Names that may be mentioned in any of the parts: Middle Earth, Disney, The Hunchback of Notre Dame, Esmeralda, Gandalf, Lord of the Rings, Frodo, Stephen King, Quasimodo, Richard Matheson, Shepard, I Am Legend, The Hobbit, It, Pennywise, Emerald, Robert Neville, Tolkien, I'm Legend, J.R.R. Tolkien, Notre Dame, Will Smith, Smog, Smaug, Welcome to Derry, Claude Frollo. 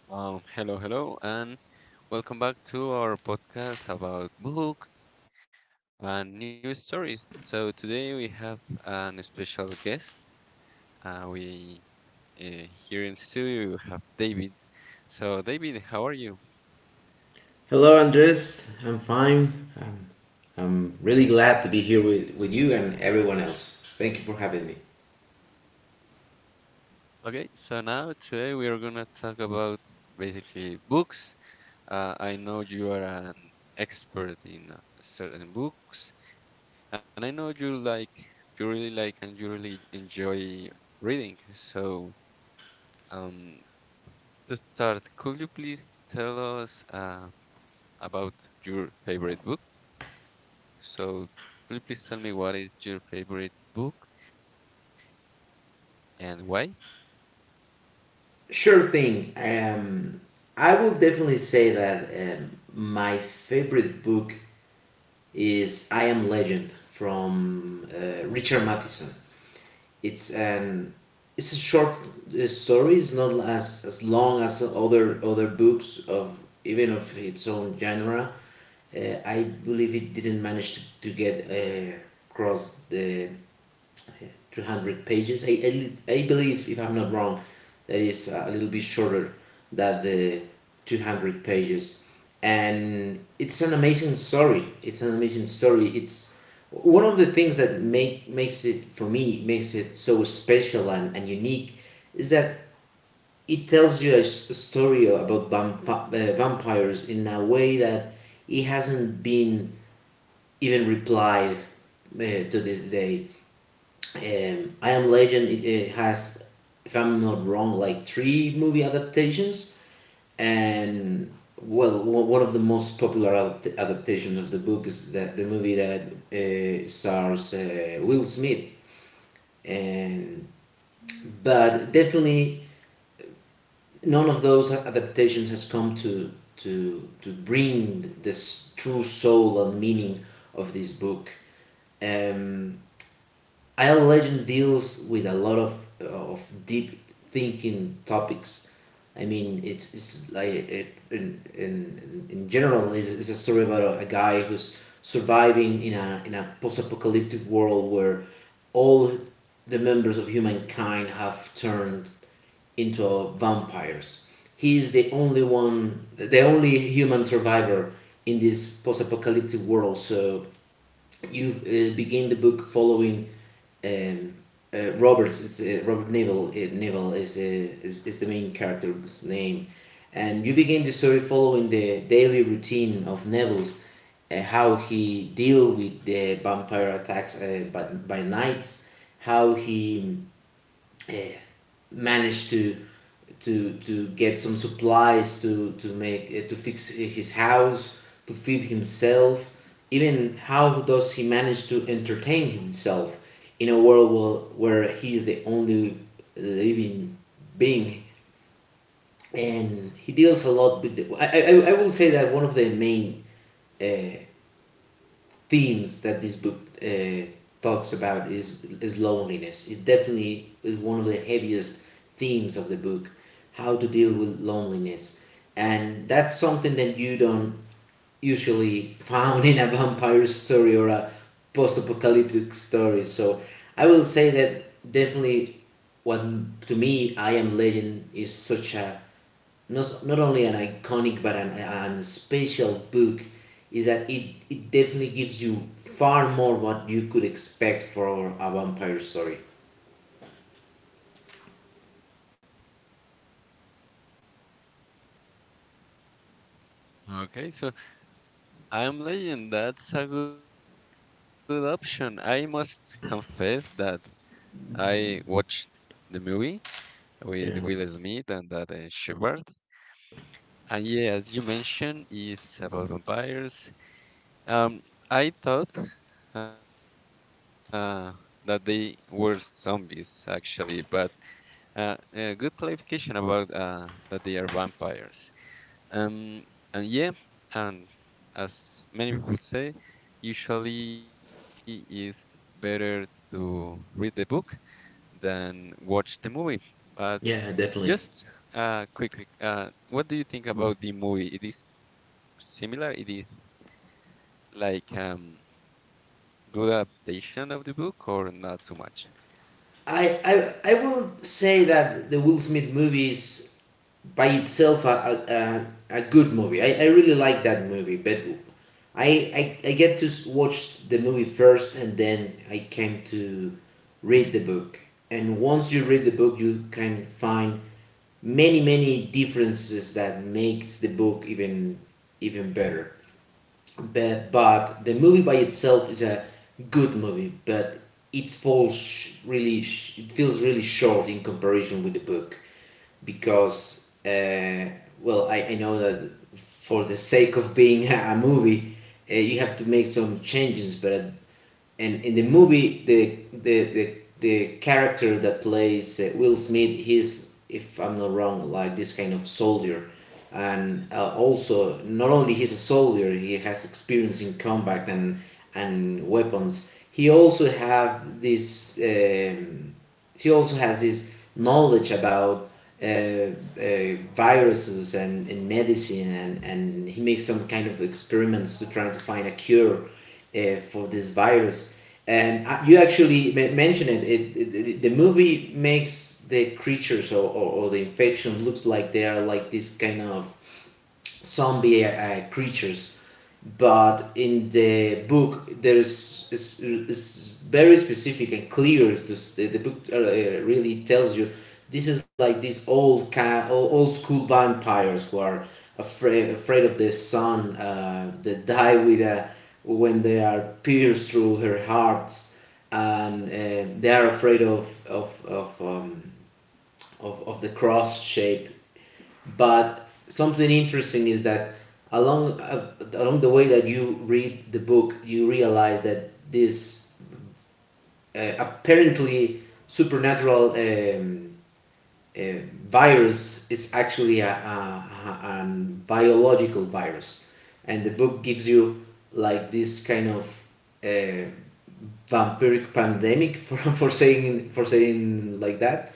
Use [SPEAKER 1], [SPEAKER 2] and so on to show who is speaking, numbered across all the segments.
[SPEAKER 1] Hello, hello, and welcome back to our podcast about books and news stories. So today we have an special guest. We Here in studio we have David. So David, how are you?
[SPEAKER 2] Hello, Andres. I'm fine. I'm, I'm really glad to be here with you and everyone else. Thank you for having me.
[SPEAKER 1] Okay, so now today we are gonna talk about basically books. I know you are an expert in certain books, and I know you you really like and you really enjoy reading. So. Um, To start, could you please tell us about your favorite book? So, could you please tell me what is your favorite book and why?
[SPEAKER 2] Sure thing. I will definitely say that my favorite book is I Am Legend from Richard Matheson. It's an it's a short story. It's not as long as other books of even of its own genre. I believe it didn't manage to get across the 200 pages. I believe, if I'm not wrong, that is a little bit shorter than the 200 pages. And it's an amazing story. It's one of the things that makes it, for me, makes it so special and unique is that it tells you a story about vampires in a way that it hasn't been even replied to this day. I Am Legend, it has, if I'm not wrong, like three movie adaptations, and well, one of the most popular adaptations of the book is that the movie that stars Will Smith, and but definitely none of those adaptations has come to bring this true soul and meaning of this book. Um, I Am Legend deals with a lot of deep thinking topics. I mean, it's like in general, is a story about a guy who's surviving in a post apocalyptic world where all the members of humankind have turned into vampires. He is the only one, the only human survivor in this post apocalyptic world. So you begin the book following um, Robert Neville. Neville is is the main character's name, and you begin the story following the daily routine of Neville's, how he deal with the vampire attacks by night, how he eh, managed to get some supplies to make to fix his house, to feed himself, even how does he manage to entertain himself in a world where he is the only living being. And he deals a lot with the, I will say that one of the main uh, themes that this book talks about is loneliness. It definitely is one of the heaviest themes of the book, how to deal with loneliness, and that's something that you don't usually found in a vampire story or a post-apocalyptic story. So I will say that definitely, what to me I Am Legend is such a not, not only an iconic but an special book is that it definitely gives you far more what you could expect for a vampire story.
[SPEAKER 1] Okay, so I'm Legend. That's a good option. I must confess that I watched the movie with Will Smith and that Shepard. And yeah, as you mentioned, is about vampires. Um, I thought uh, that they were zombies actually, but good clarification about that they are vampires. Um, and yeah, and as many people say, usually it's better to read the book than watch the movie. But
[SPEAKER 2] Yeah, definitely.
[SPEAKER 1] just quickly, what do you think about the movie? It is similar. It is like good adaptation of the book or not too much?
[SPEAKER 2] I will say that the Will Smith movies by itself a good movie. I really like that movie, but I get to watch the movie first and then I came to read the book. And once you read the book, you can find many differences that makes the book even better. But the movie by itself is a good movie, but it falls really, it feels really short in comparison with the book because well, I know that for the sake of being a movie you have to make some changes. But and in the movie the character that plays Will Smith, he's, if I'm not wrong, like this kind of soldier. And also, not only he's a soldier, he has experience in combat and weapons. He also have this, he also has this knowledge about viruses and medicine, and he makes some kind of experiments to try to find a cure for this virus. And you actually mentioned it. The movie makes the creatures or the infection looks like they are like this kind of zombie creatures. But in the book, there's is very specific and clear to, the book really tells you this is like these old school vampires who are afraid of the sun. They die with a when they are pierced through her hearts. And they are afraid of the cross shape. But something interesting is that along the way that you read the book, you realize that this apparently supernatural virus is actually a biological virus. And the book gives you like this kind of, uh, vampiric pandemic for saying like that.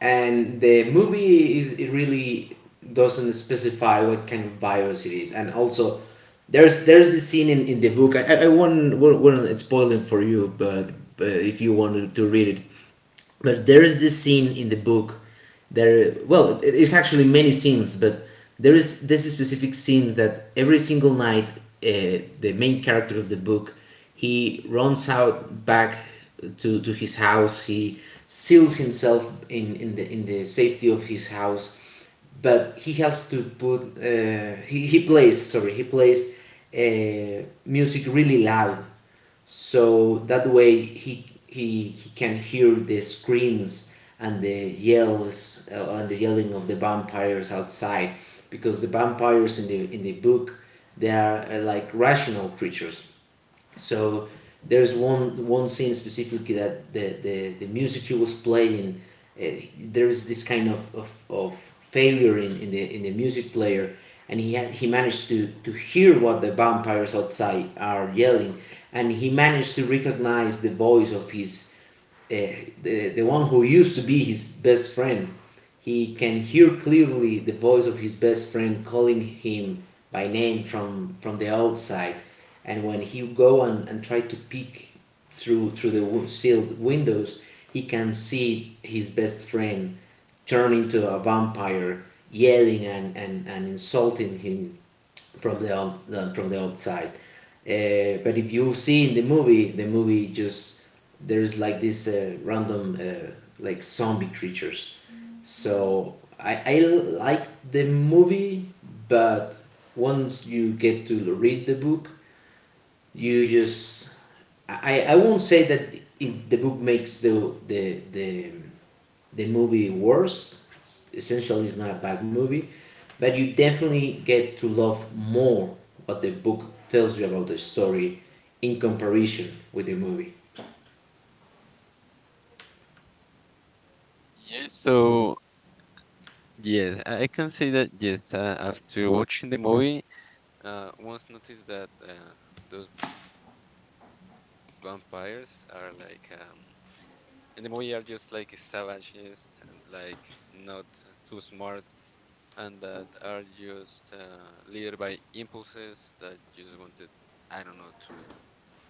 [SPEAKER 2] And the movie is, it really doesn't specify what kind of virus it is. And also, there's the scene in the book. I won't spoil it for you, but if you wanted to read it. But there is this scene in the book. There Well, it's actually many scenes, but there is this specific scene that every single night, the main character of the book, he runs out back to his house. He seals himself in the safety of his house. But he has to put, he plays, sorry, he plays music really loud, so that way he can hear the screams and the yells, and the yelling of the vampires outside, because the vampires in the book, they are, like rational creatures. So there's one scene specifically that the music he was playing, uh, there is this kind of, of failure in the music player, and he managed to hear what the vampires outside are yelling, and he managed to recognize the voice of his the one who used to be his best friend. He can hear clearly the voice of his best friend calling him by name from the outside. And when he go and try to peek through the sealed windows, he can see his best friend turn into a vampire, yelling and insulting him from from the outside. But if you see in the movie just, there's like this random like zombie creatures. So I like the movie, but once you get to read the book, you just, I won't say that it, the book makes the, the movie worse. Essentially, it's not a bad movie, but you definitely get to love more what the book tells you about the story in comparison with the movie.
[SPEAKER 1] Yes, so, yes, I can say that. Yes, after watching the movie, once noticed that those vampires are like, in the movie are just like savages, and like not too smart, and that are just led by impulses that just wanted, I don't know, to eat,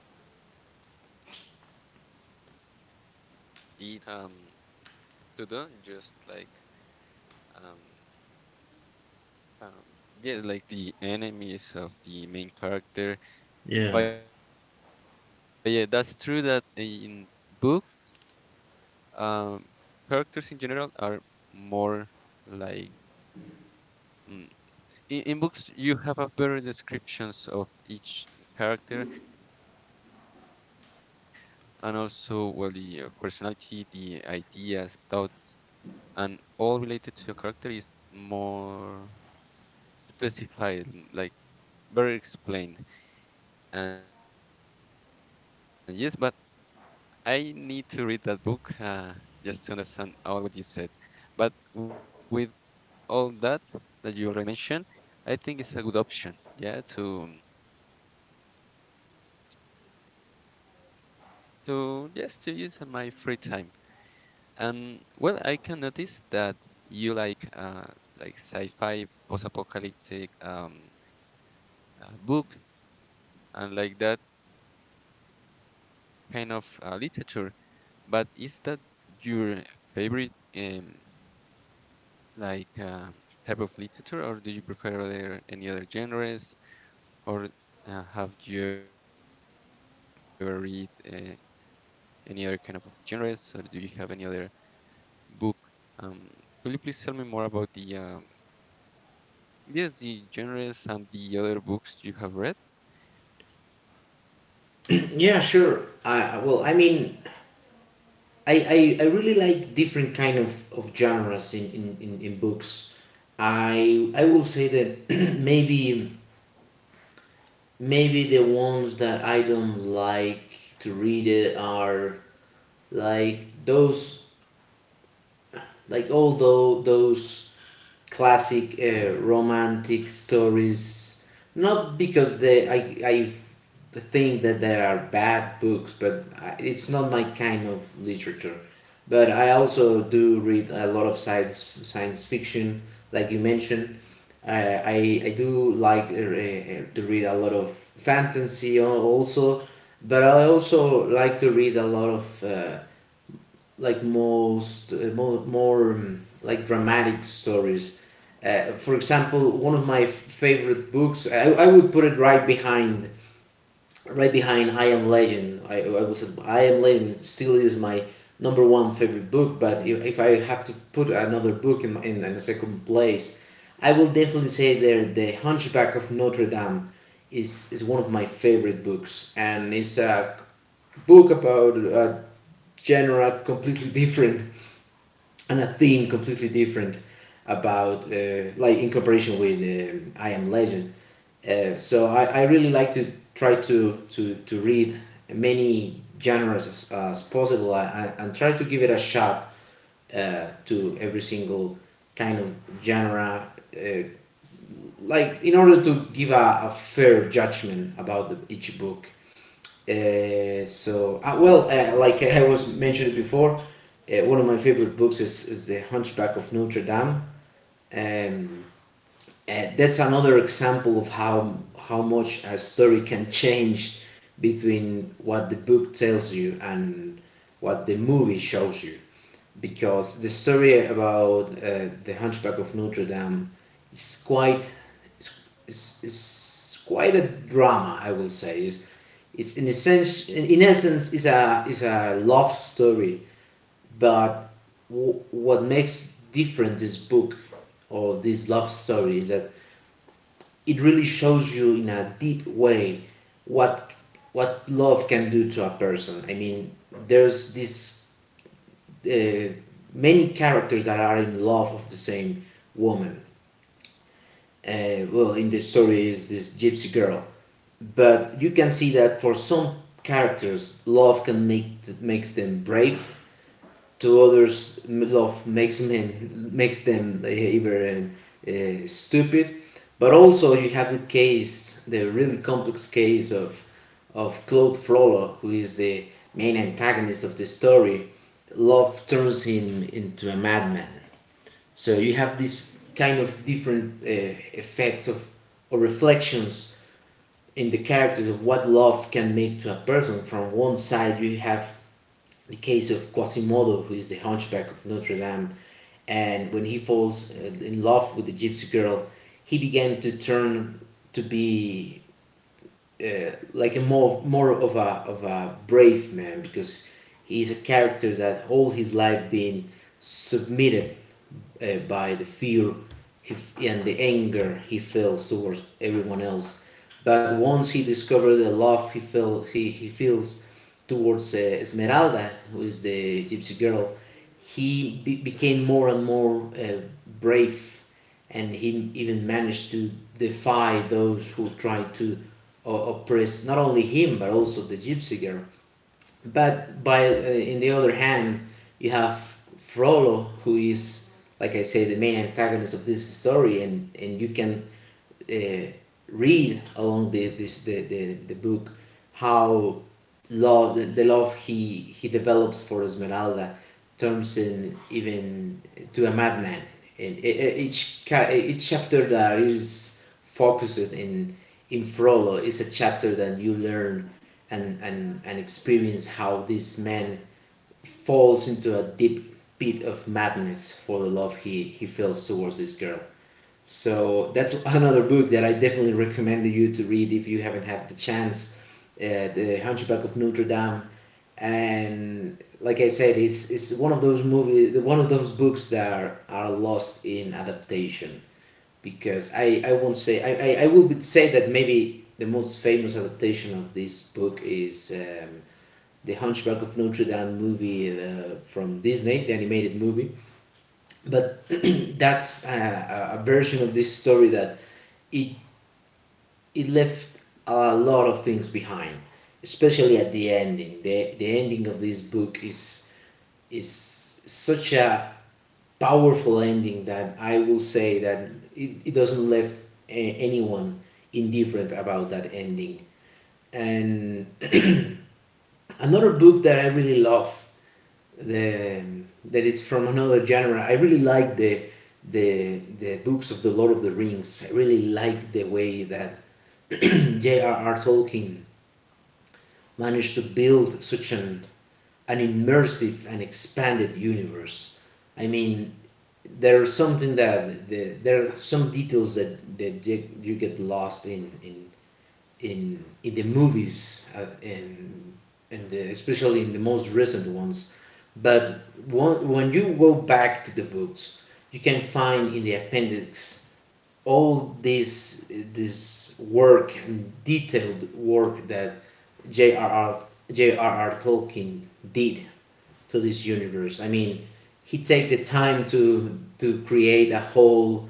[SPEAKER 1] and they have, yes, like not too much to do, just like um Um, yeah, like the enemies of the main character.
[SPEAKER 2] Yeah.
[SPEAKER 1] But yeah, that's true that in book, um, characters in general are more like, mm, in books you have a better descriptions of each character, and also well the personality, the ideas, thoughts, and all related to a character is more specified, like very explained. And yes, but I need to read that book just to understand all what you said. But with all that you already mentioned, I think it's a good option. Yeah, to just to use on my free time. And well, I can notice that you like, like sci-fi, post-apocalyptic, book and like that kind of literature. But is that your favorite um, like type of literature, or do you prefer other, any other genres, or have you ever read any other kind of genres, or do you have any other book? Um, could you please tell me more about the, yes, the genres and the other books you have read?
[SPEAKER 2] Yeah, sure. I, well, I mean, I really like different kind of genres in books. I will say that maybe Maybe the ones that I don't like to read it are like those like those classic romantic stories, not because they, I think that they are bad books, but I, it's not my kind of literature. But I also do read a lot of science fiction, like you mentioned. Uh, i i do like to read a lot of fantasy also. But I also like to read a lot of, like most, more, like dramatic stories. For example, one of my favorite books, I would put it right behind I Am Legend. I will say I Am Legend still is my number one favorite book, but if I have to put another book in a second place, I will definitely say there The Hunchback of Notre Dame is one of my favorite books, and it's a book about a genre completely different and a theme completely different about, like in cooperation with, I Am Legend. So I really like to try to read many genres as possible, and try to give it a shot to every single kind of genre, uh, like in order to give a fair judgment about the, each book. So well, like I was mentioned before, one of my favorite books is the Hunchback of Notre Dame. Um, that's another example of how much a story can change between what the book tells you and what the movie shows you, because the story about the hunchback of Notre Dame is quite is quite a drama. I will say is it's in essence is a love story, but what makes different this book or this love story is that it really shows you in a deep way what love can do to a person. I mean, there's this uh, many characters that are in love of the same woman. Well, in this story is this gypsy girl, but you can see that for some characters, love can make makes them brave, to others love makes men makes them even stupid. But also you have the case, the really complex case of Claude Frollo, who is the main antagonist of the story. Love turns him into a madman, so you have this kind of different effects of or reflections in the characters of what love can make to a person. From one side you have the case of Quasimodo, who is the hunchback of Notre Dame, and when he falls in love with the gypsy girl, he began to turn to be like a more of a brave man, because he's a character that all his life been submitted by the fear and the anger he feels towards everyone else. But once he discovered the love he feels he feels towards Esmeralda, who is the gypsy girl, he became more and more uh, brave, and he even managed to defy those who tried to oppress not only him but also the gypsy girl. But by in the other hand, you have Frollo, who is, like I say, the main antagonist of this story, and you can uh, read along the book how the love he develops for Esmeralda turns in even to a madman. And each chapter that is focused in Frollo is a chapter that you learn and experience how this man falls into a deep pit of madness for the love he feels towards this girl. So that's another book that I definitely recommend you to read if you haven't had the chance. The Hunchback of Notre Dame, and like I said, it's one of those movies, one of those books that are lost in adaptation, because I won't say I will say that maybe the most famous adaptation of this book is the Hunchback of Notre Dame movie from Disney, the animated movie. But that's a version of this story that it it left a lot of things behind, especially at the ending. The ending of this book is such a powerful ending that I will say that it doesn't left anyone indifferent about that ending. And another book that I really love the that it's from another genre. I really like the books of the Lord of the Rings. I really like the way that J.R.R. Tolkien managed to build such an immersive and expanded universe. I mean, there's something that there are some details that, that you get lost in the movies, in the especially in the most recent ones. But one, when you go back to the books, you can find in the appendix all this work and detailed work that J.R.R. Tolkien did to this universe. I mean, he take the time to create a whole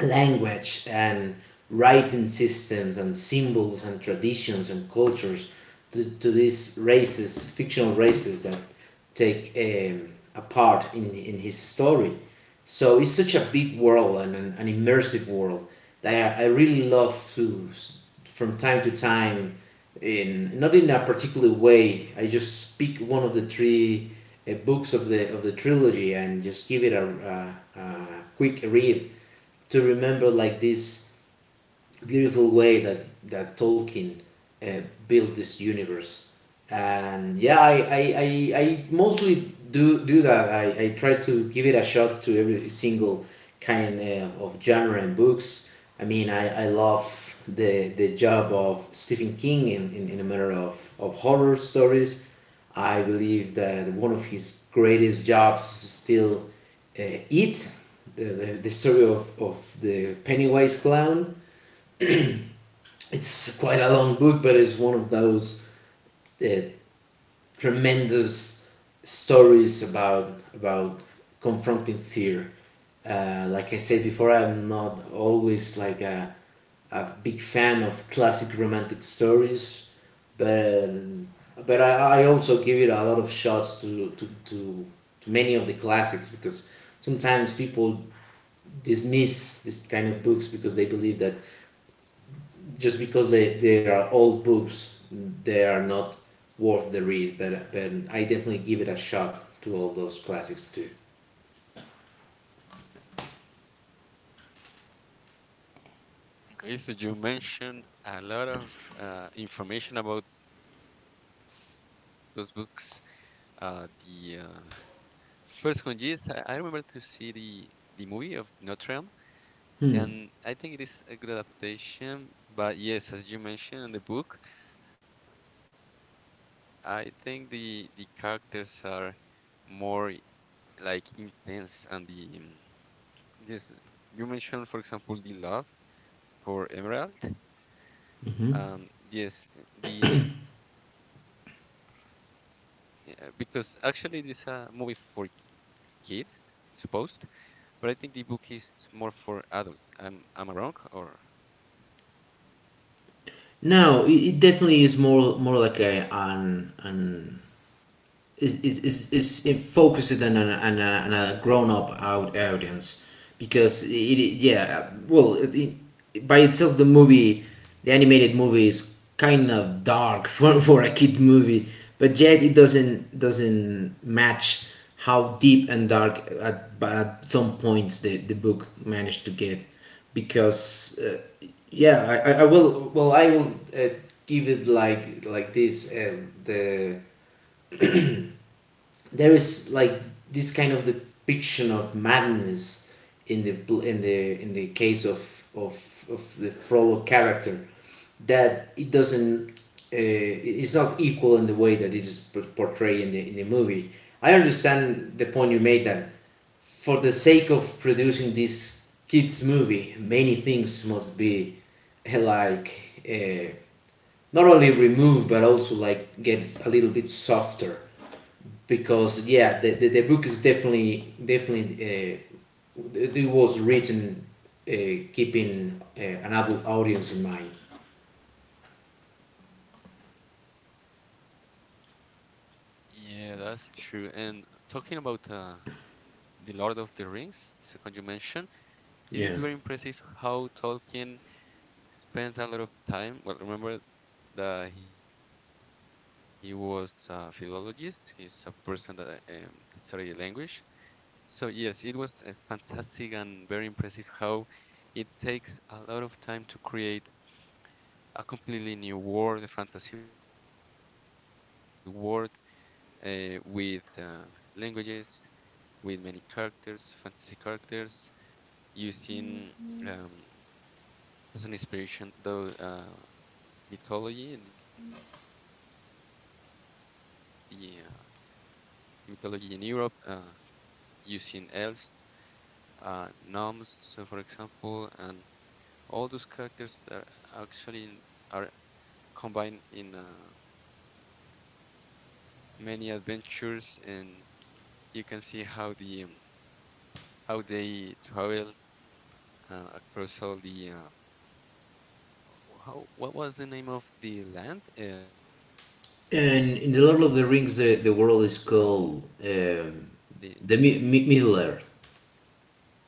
[SPEAKER 2] language and writing systems and symbols and traditions and cultures to these races, fictional races that take a part in his story. So it's such a big world and an immersive world that I really love to, from time to time, in not in a particular way, I just pick one of the three books of the trilogy and just give it a quick read to remember like this beautiful way that Tolkien uh, built this universe. And yeah, I mostly do that. I try to give it a shot to every single kind of genre and books. I mean, I love the job of Stephen King in a matter of horror stories. I believe that one of his greatest jobs is still uh, It, the story of the Pennywise clown. It's quite a long book, but it's one of those uh, tremendous stories about confronting fear. Like I said before, I'm not always like a big fan of classic romantic stories, but I also give it a lot of shots to many of the classics, because sometimes people dismiss this kind of books because they believe that just because they are old books, they are not worth the read. But I definitely give it a shot to all those classics too.
[SPEAKER 1] Okay, so you mentioned a lot of information about those books. The first one, yes, I remember to see the movie of Notre Dame, and I think it is a good adaptation. But yes, as you mentioned in the book, I think the characters are more like intense, and the, yes, you mentioned, for example, the love for Emerald. Yes, the, because actually this a movie for kids, supposed. But I think the book is more for adults. Am I wrong or?
[SPEAKER 2] No, it, definitely is more like a an is in focused on on a grown up out audience, because it yeah, well, by itself the movie the animated movie is kind of dark for a kid movie, but yet it doesn't match how deep and dark at some points the book managed to get, because yeah, I will uh, give it like this there is like this kind of depiction of madness in the in the case of the Frollo character that it doesn't it's not equal in the way that it is portrayed in the movie. I understand the point you made that for the sake of producing this kids movie, many things must be uh, like uh, not only removed but also like get a little bit softer, because yeah, the book is definitely it was written uh, keeping an adult audience in mind.
[SPEAKER 1] Yeah, that's true. And talking about the Lord of the Rings, second you mentioned, it is very impressive how Tolkien spends a lot of time. Well, remember that he was a philologist. He's a person that studied language. So yes, it was fantastic and very impressive how it takes a lot of time to create a completely new world, a fantasy world, with languages, with many characters, fantasy characters, using, um, as an inspiration the mythology, the mythology in Europe, using elves, gnomes, so for example, and all those characters that are actually in, are combined in many adventures, and you can see how the, how they travel across all the, how what was the name of the land? Um,
[SPEAKER 2] And in the
[SPEAKER 1] the
[SPEAKER 2] Lord of the Rings, the world is called Middle Earth.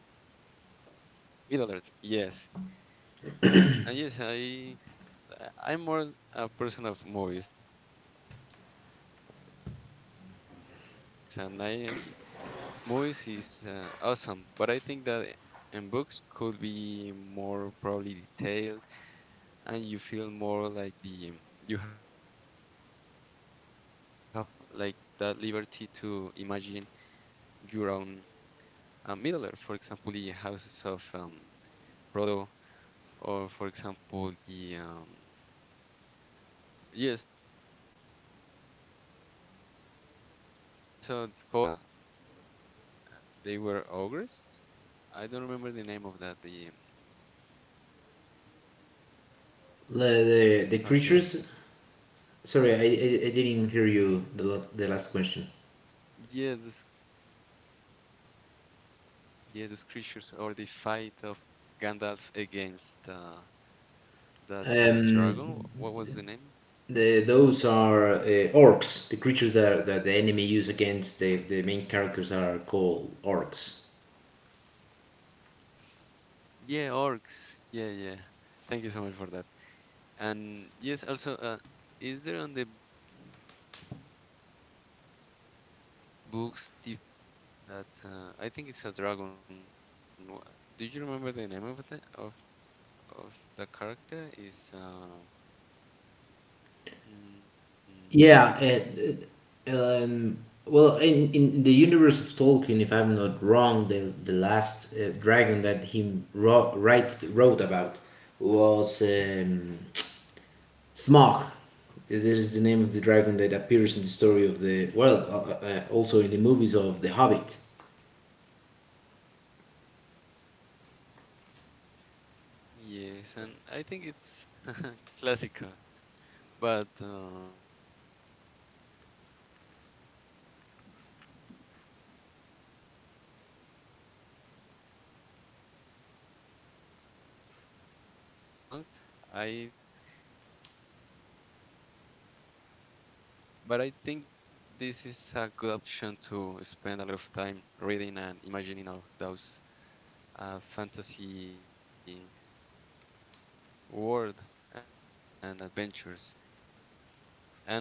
[SPEAKER 1] Middle Earth. Yes, and yes, I'm more a person of movies, and I must admit that the landscapes and the environment of the movies is awesome. But I think that in books could be more probably detailed, and you feel more like, the you have like that liberty to imagine your own, Middle Earth, for example, the houses of, Frodo, or for example, the, yeah, so the forest where they fight against the, they were ogres. I don't remember the name of that. The
[SPEAKER 2] The creatures.
[SPEAKER 1] Okay,
[SPEAKER 2] Sorry, I didn't hear you.
[SPEAKER 1] yeah, this,
[SPEAKER 2] The last question.
[SPEAKER 1] yeah, those creatures, or the fight of Gandalf against. That
[SPEAKER 2] Um,
[SPEAKER 1] dragon, what was the name?
[SPEAKER 2] those are orcs. The creatures that, that the enemy use against the main characters are called orcs.
[SPEAKER 1] Yeah, orcs. Yeah, yeah. Thank you so much for that. And yes, also, is there on the books the fight of Gandalf against that? I think it's a dragon. Do you remember the name of the character? Is mm,
[SPEAKER 2] Yeah, it, it, um, well, in the universe of Tolkien, if I'm not wrong, the last dragon that he wrote about was Smog. Is It is the name of the dragon that appears in the story of the, well,
[SPEAKER 1] Smaug.
[SPEAKER 2] also in the
[SPEAKER 1] Mm,
[SPEAKER 2] movies of The Hobbit.
[SPEAKER 1] Yes, and I think it's classical, but. If movies are long, I think, books are longer. Am I right? But I think this is a good option to spend a lot of time reading and imagining of those fantasy world and adventures.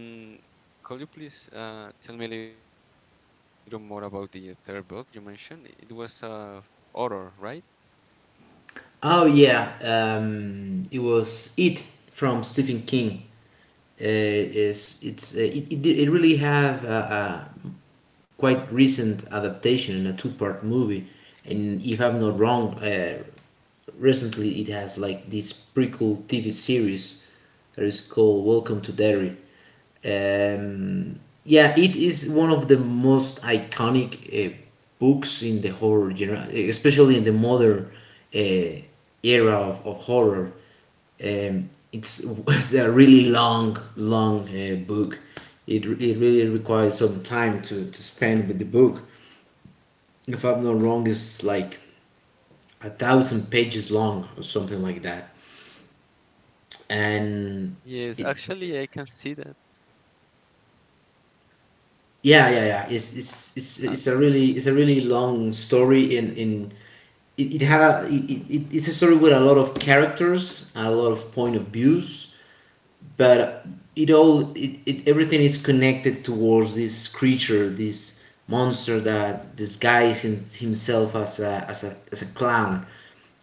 [SPEAKER 1] And could you please tell me a little more about the third book you mentioned? It was a horror, right?
[SPEAKER 2] Oh yeah, it was it from Stephen King. Is it's it really have a quite recent adaptation in a two-part movie. And if I'm not wrong, recently it has like this pretty cool TV series that is called Welcome to Derry. Um, yeah, it is one of the most iconic books in the horror genre, especially in the modern uh, era of horror. Um, it's, it's a really long book. It really requires some time to spend with the book. If I'm not wrong, it's like 1,000 pages long or something like that. And
[SPEAKER 1] Yes, actually, I can see that. Continue,
[SPEAKER 2] yeah.
[SPEAKER 1] sorry, sorry.
[SPEAKER 2] It's a really long story in it, it had a it, it, it's a story with a lot of characters, a lot of point of views, but it all it, it everything is connected towards this creature, this monster that disguises himself as as a clown.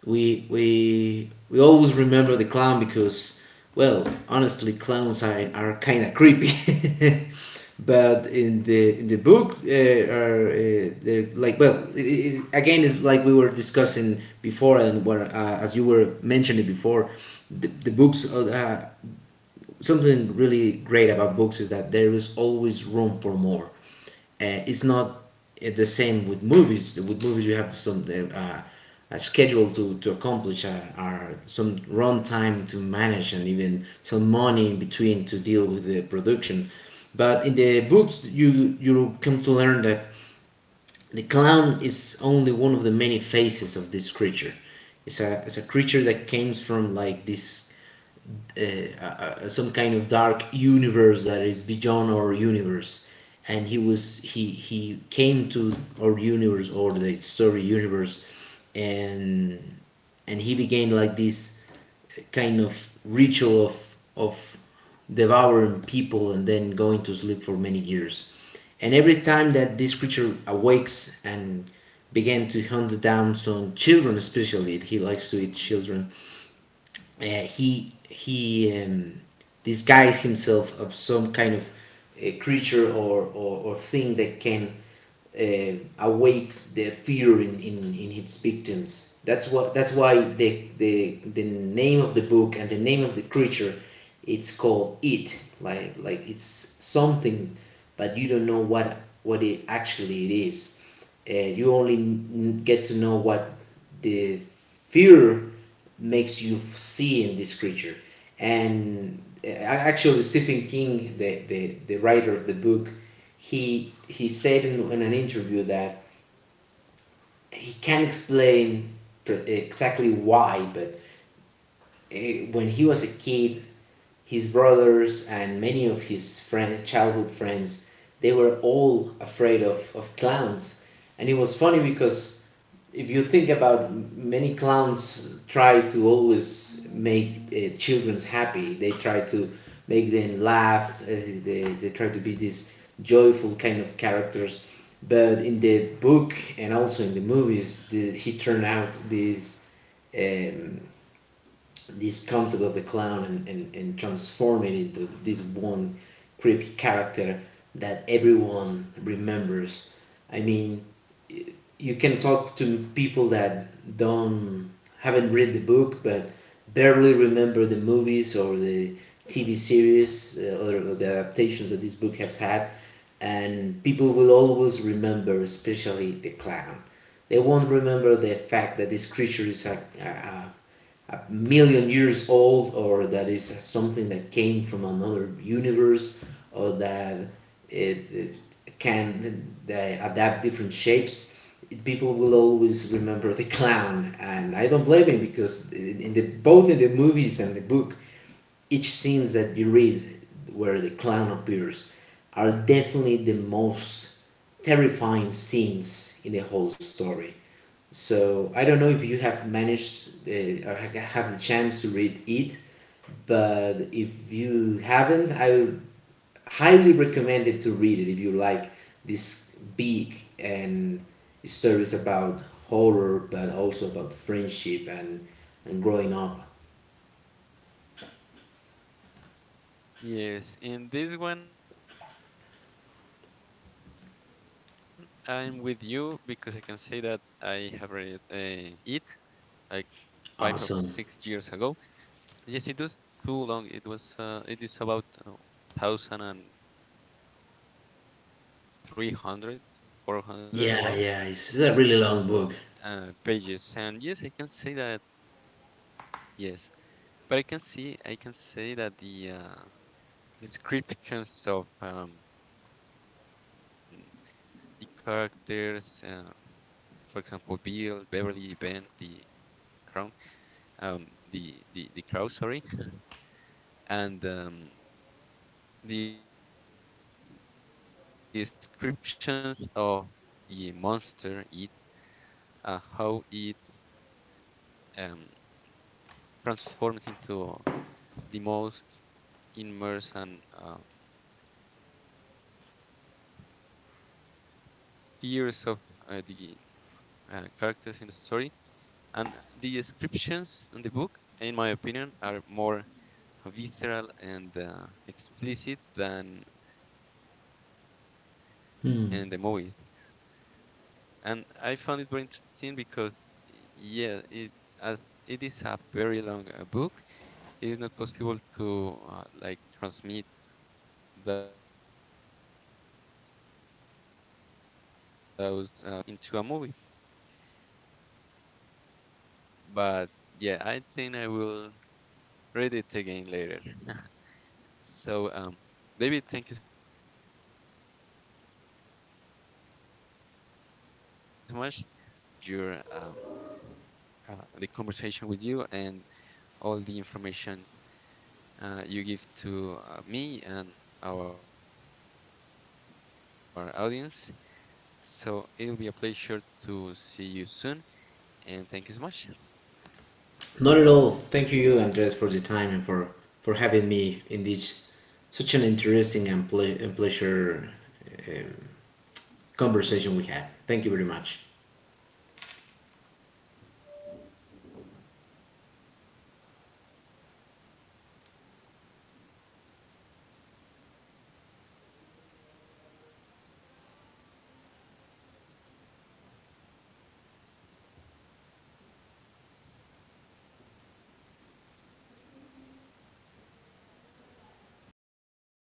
[SPEAKER 2] We always remember the clown because, well, honestly, clowns are kind of creepy but in the book are they're like, well, it's like we were discussing before and where as you were mentioning before, the books something really great about books is that there is always room for more. It's not the same with movies. With movies, you have some a schedule to accomplish, or some run time to manage, and even some money in between to deal with the production. But in the books, you come to learn that the clown is only one of the many faces of this creature. It's a creature that comes from like this uh, uh, some kind of dark universe that is beyond our universe, and he was he came to our universe or the story universe. and and he began like this kind of ritual of devouring people and then going to sleep for many years. And every time that this creature awakes and began to hunt down some children, especially, he likes to eat children. Uh, he disguise himself of some kind of creature or thing that can awakes the fear in its victims. That's what, that's why the name of the book and the name of the creature, it's called it like it's something, but you don't know what it actually it is. Uh, you only get to know what the fear makes you see in this creature. And actually, Stephen King, the writer of the book, he said in an interview that he can't explain exactly why, but when he was a kid, his brothers and many of his childhood friends, they were all afraid of clowns. And it was funny because if you think about, many clowns try to always make children happy. They try to make them laugh. They try to be these joyful kind of characters. But in the book and also in the movies, he turned out this uh, this concept of the clown and, and transform it into this one creepy character that everyone remembers. I mean, you can talk to people that don't haven't read the book but barely remember the movies or the TV series, or the adaptations that this book has had, and people will always remember, especially the clown. They won't remember the fact that this creature is a, a million years old, or that is something that came from another universe, or that it can they adapt different shapes. People will always remember the clown, and I don't blame him, because in the both in the movies and the book, each scenes that you read where the clown appears are definitely the most terrifying scenes in the whole story. So I don't know if you have managed have the chance to read it, but if you haven't, I would highly recommend it to read it if you like this big and stories about horror, but also about friendship and growing up.
[SPEAKER 1] Yes, in this one I'm with you because I can say that I have read it like five or
[SPEAKER 2] Awesome.
[SPEAKER 1] six years ago. Yes, it was too long. It was, it is about 1,300, 400 about,
[SPEAKER 2] Yeah, it's a really long book.
[SPEAKER 1] pages, and yes, I can say that, yes, but I can say that the descriptions of, the characters. For example, Bill, Beverly, Ben, the crown, um, the crow, sorry, and, the descriptions of the monster, it, how it, um, transforms into the most immersive and fears of the characters in the story, and the descriptions in the book, in my opinion, are more visceral and explicit than
[SPEAKER 2] Hmm.
[SPEAKER 1] in the movies. And I found it very interesting because, yeah, it, as it is a very long book, it is not possible to like transmit those feelings or all those little details into a movie. But yeah, I think I will read it again later. So, David, thank you so much for being here today. I really enjoy your, the conversation with you and all the information you give to me and our audience. So it will be a pleasure to see you soon, and thank you so much.
[SPEAKER 2] Not at all. Thank you, Andres, for the time and for having me in this such an interesting and, and pleasure um, conversation we had. Thank you very much.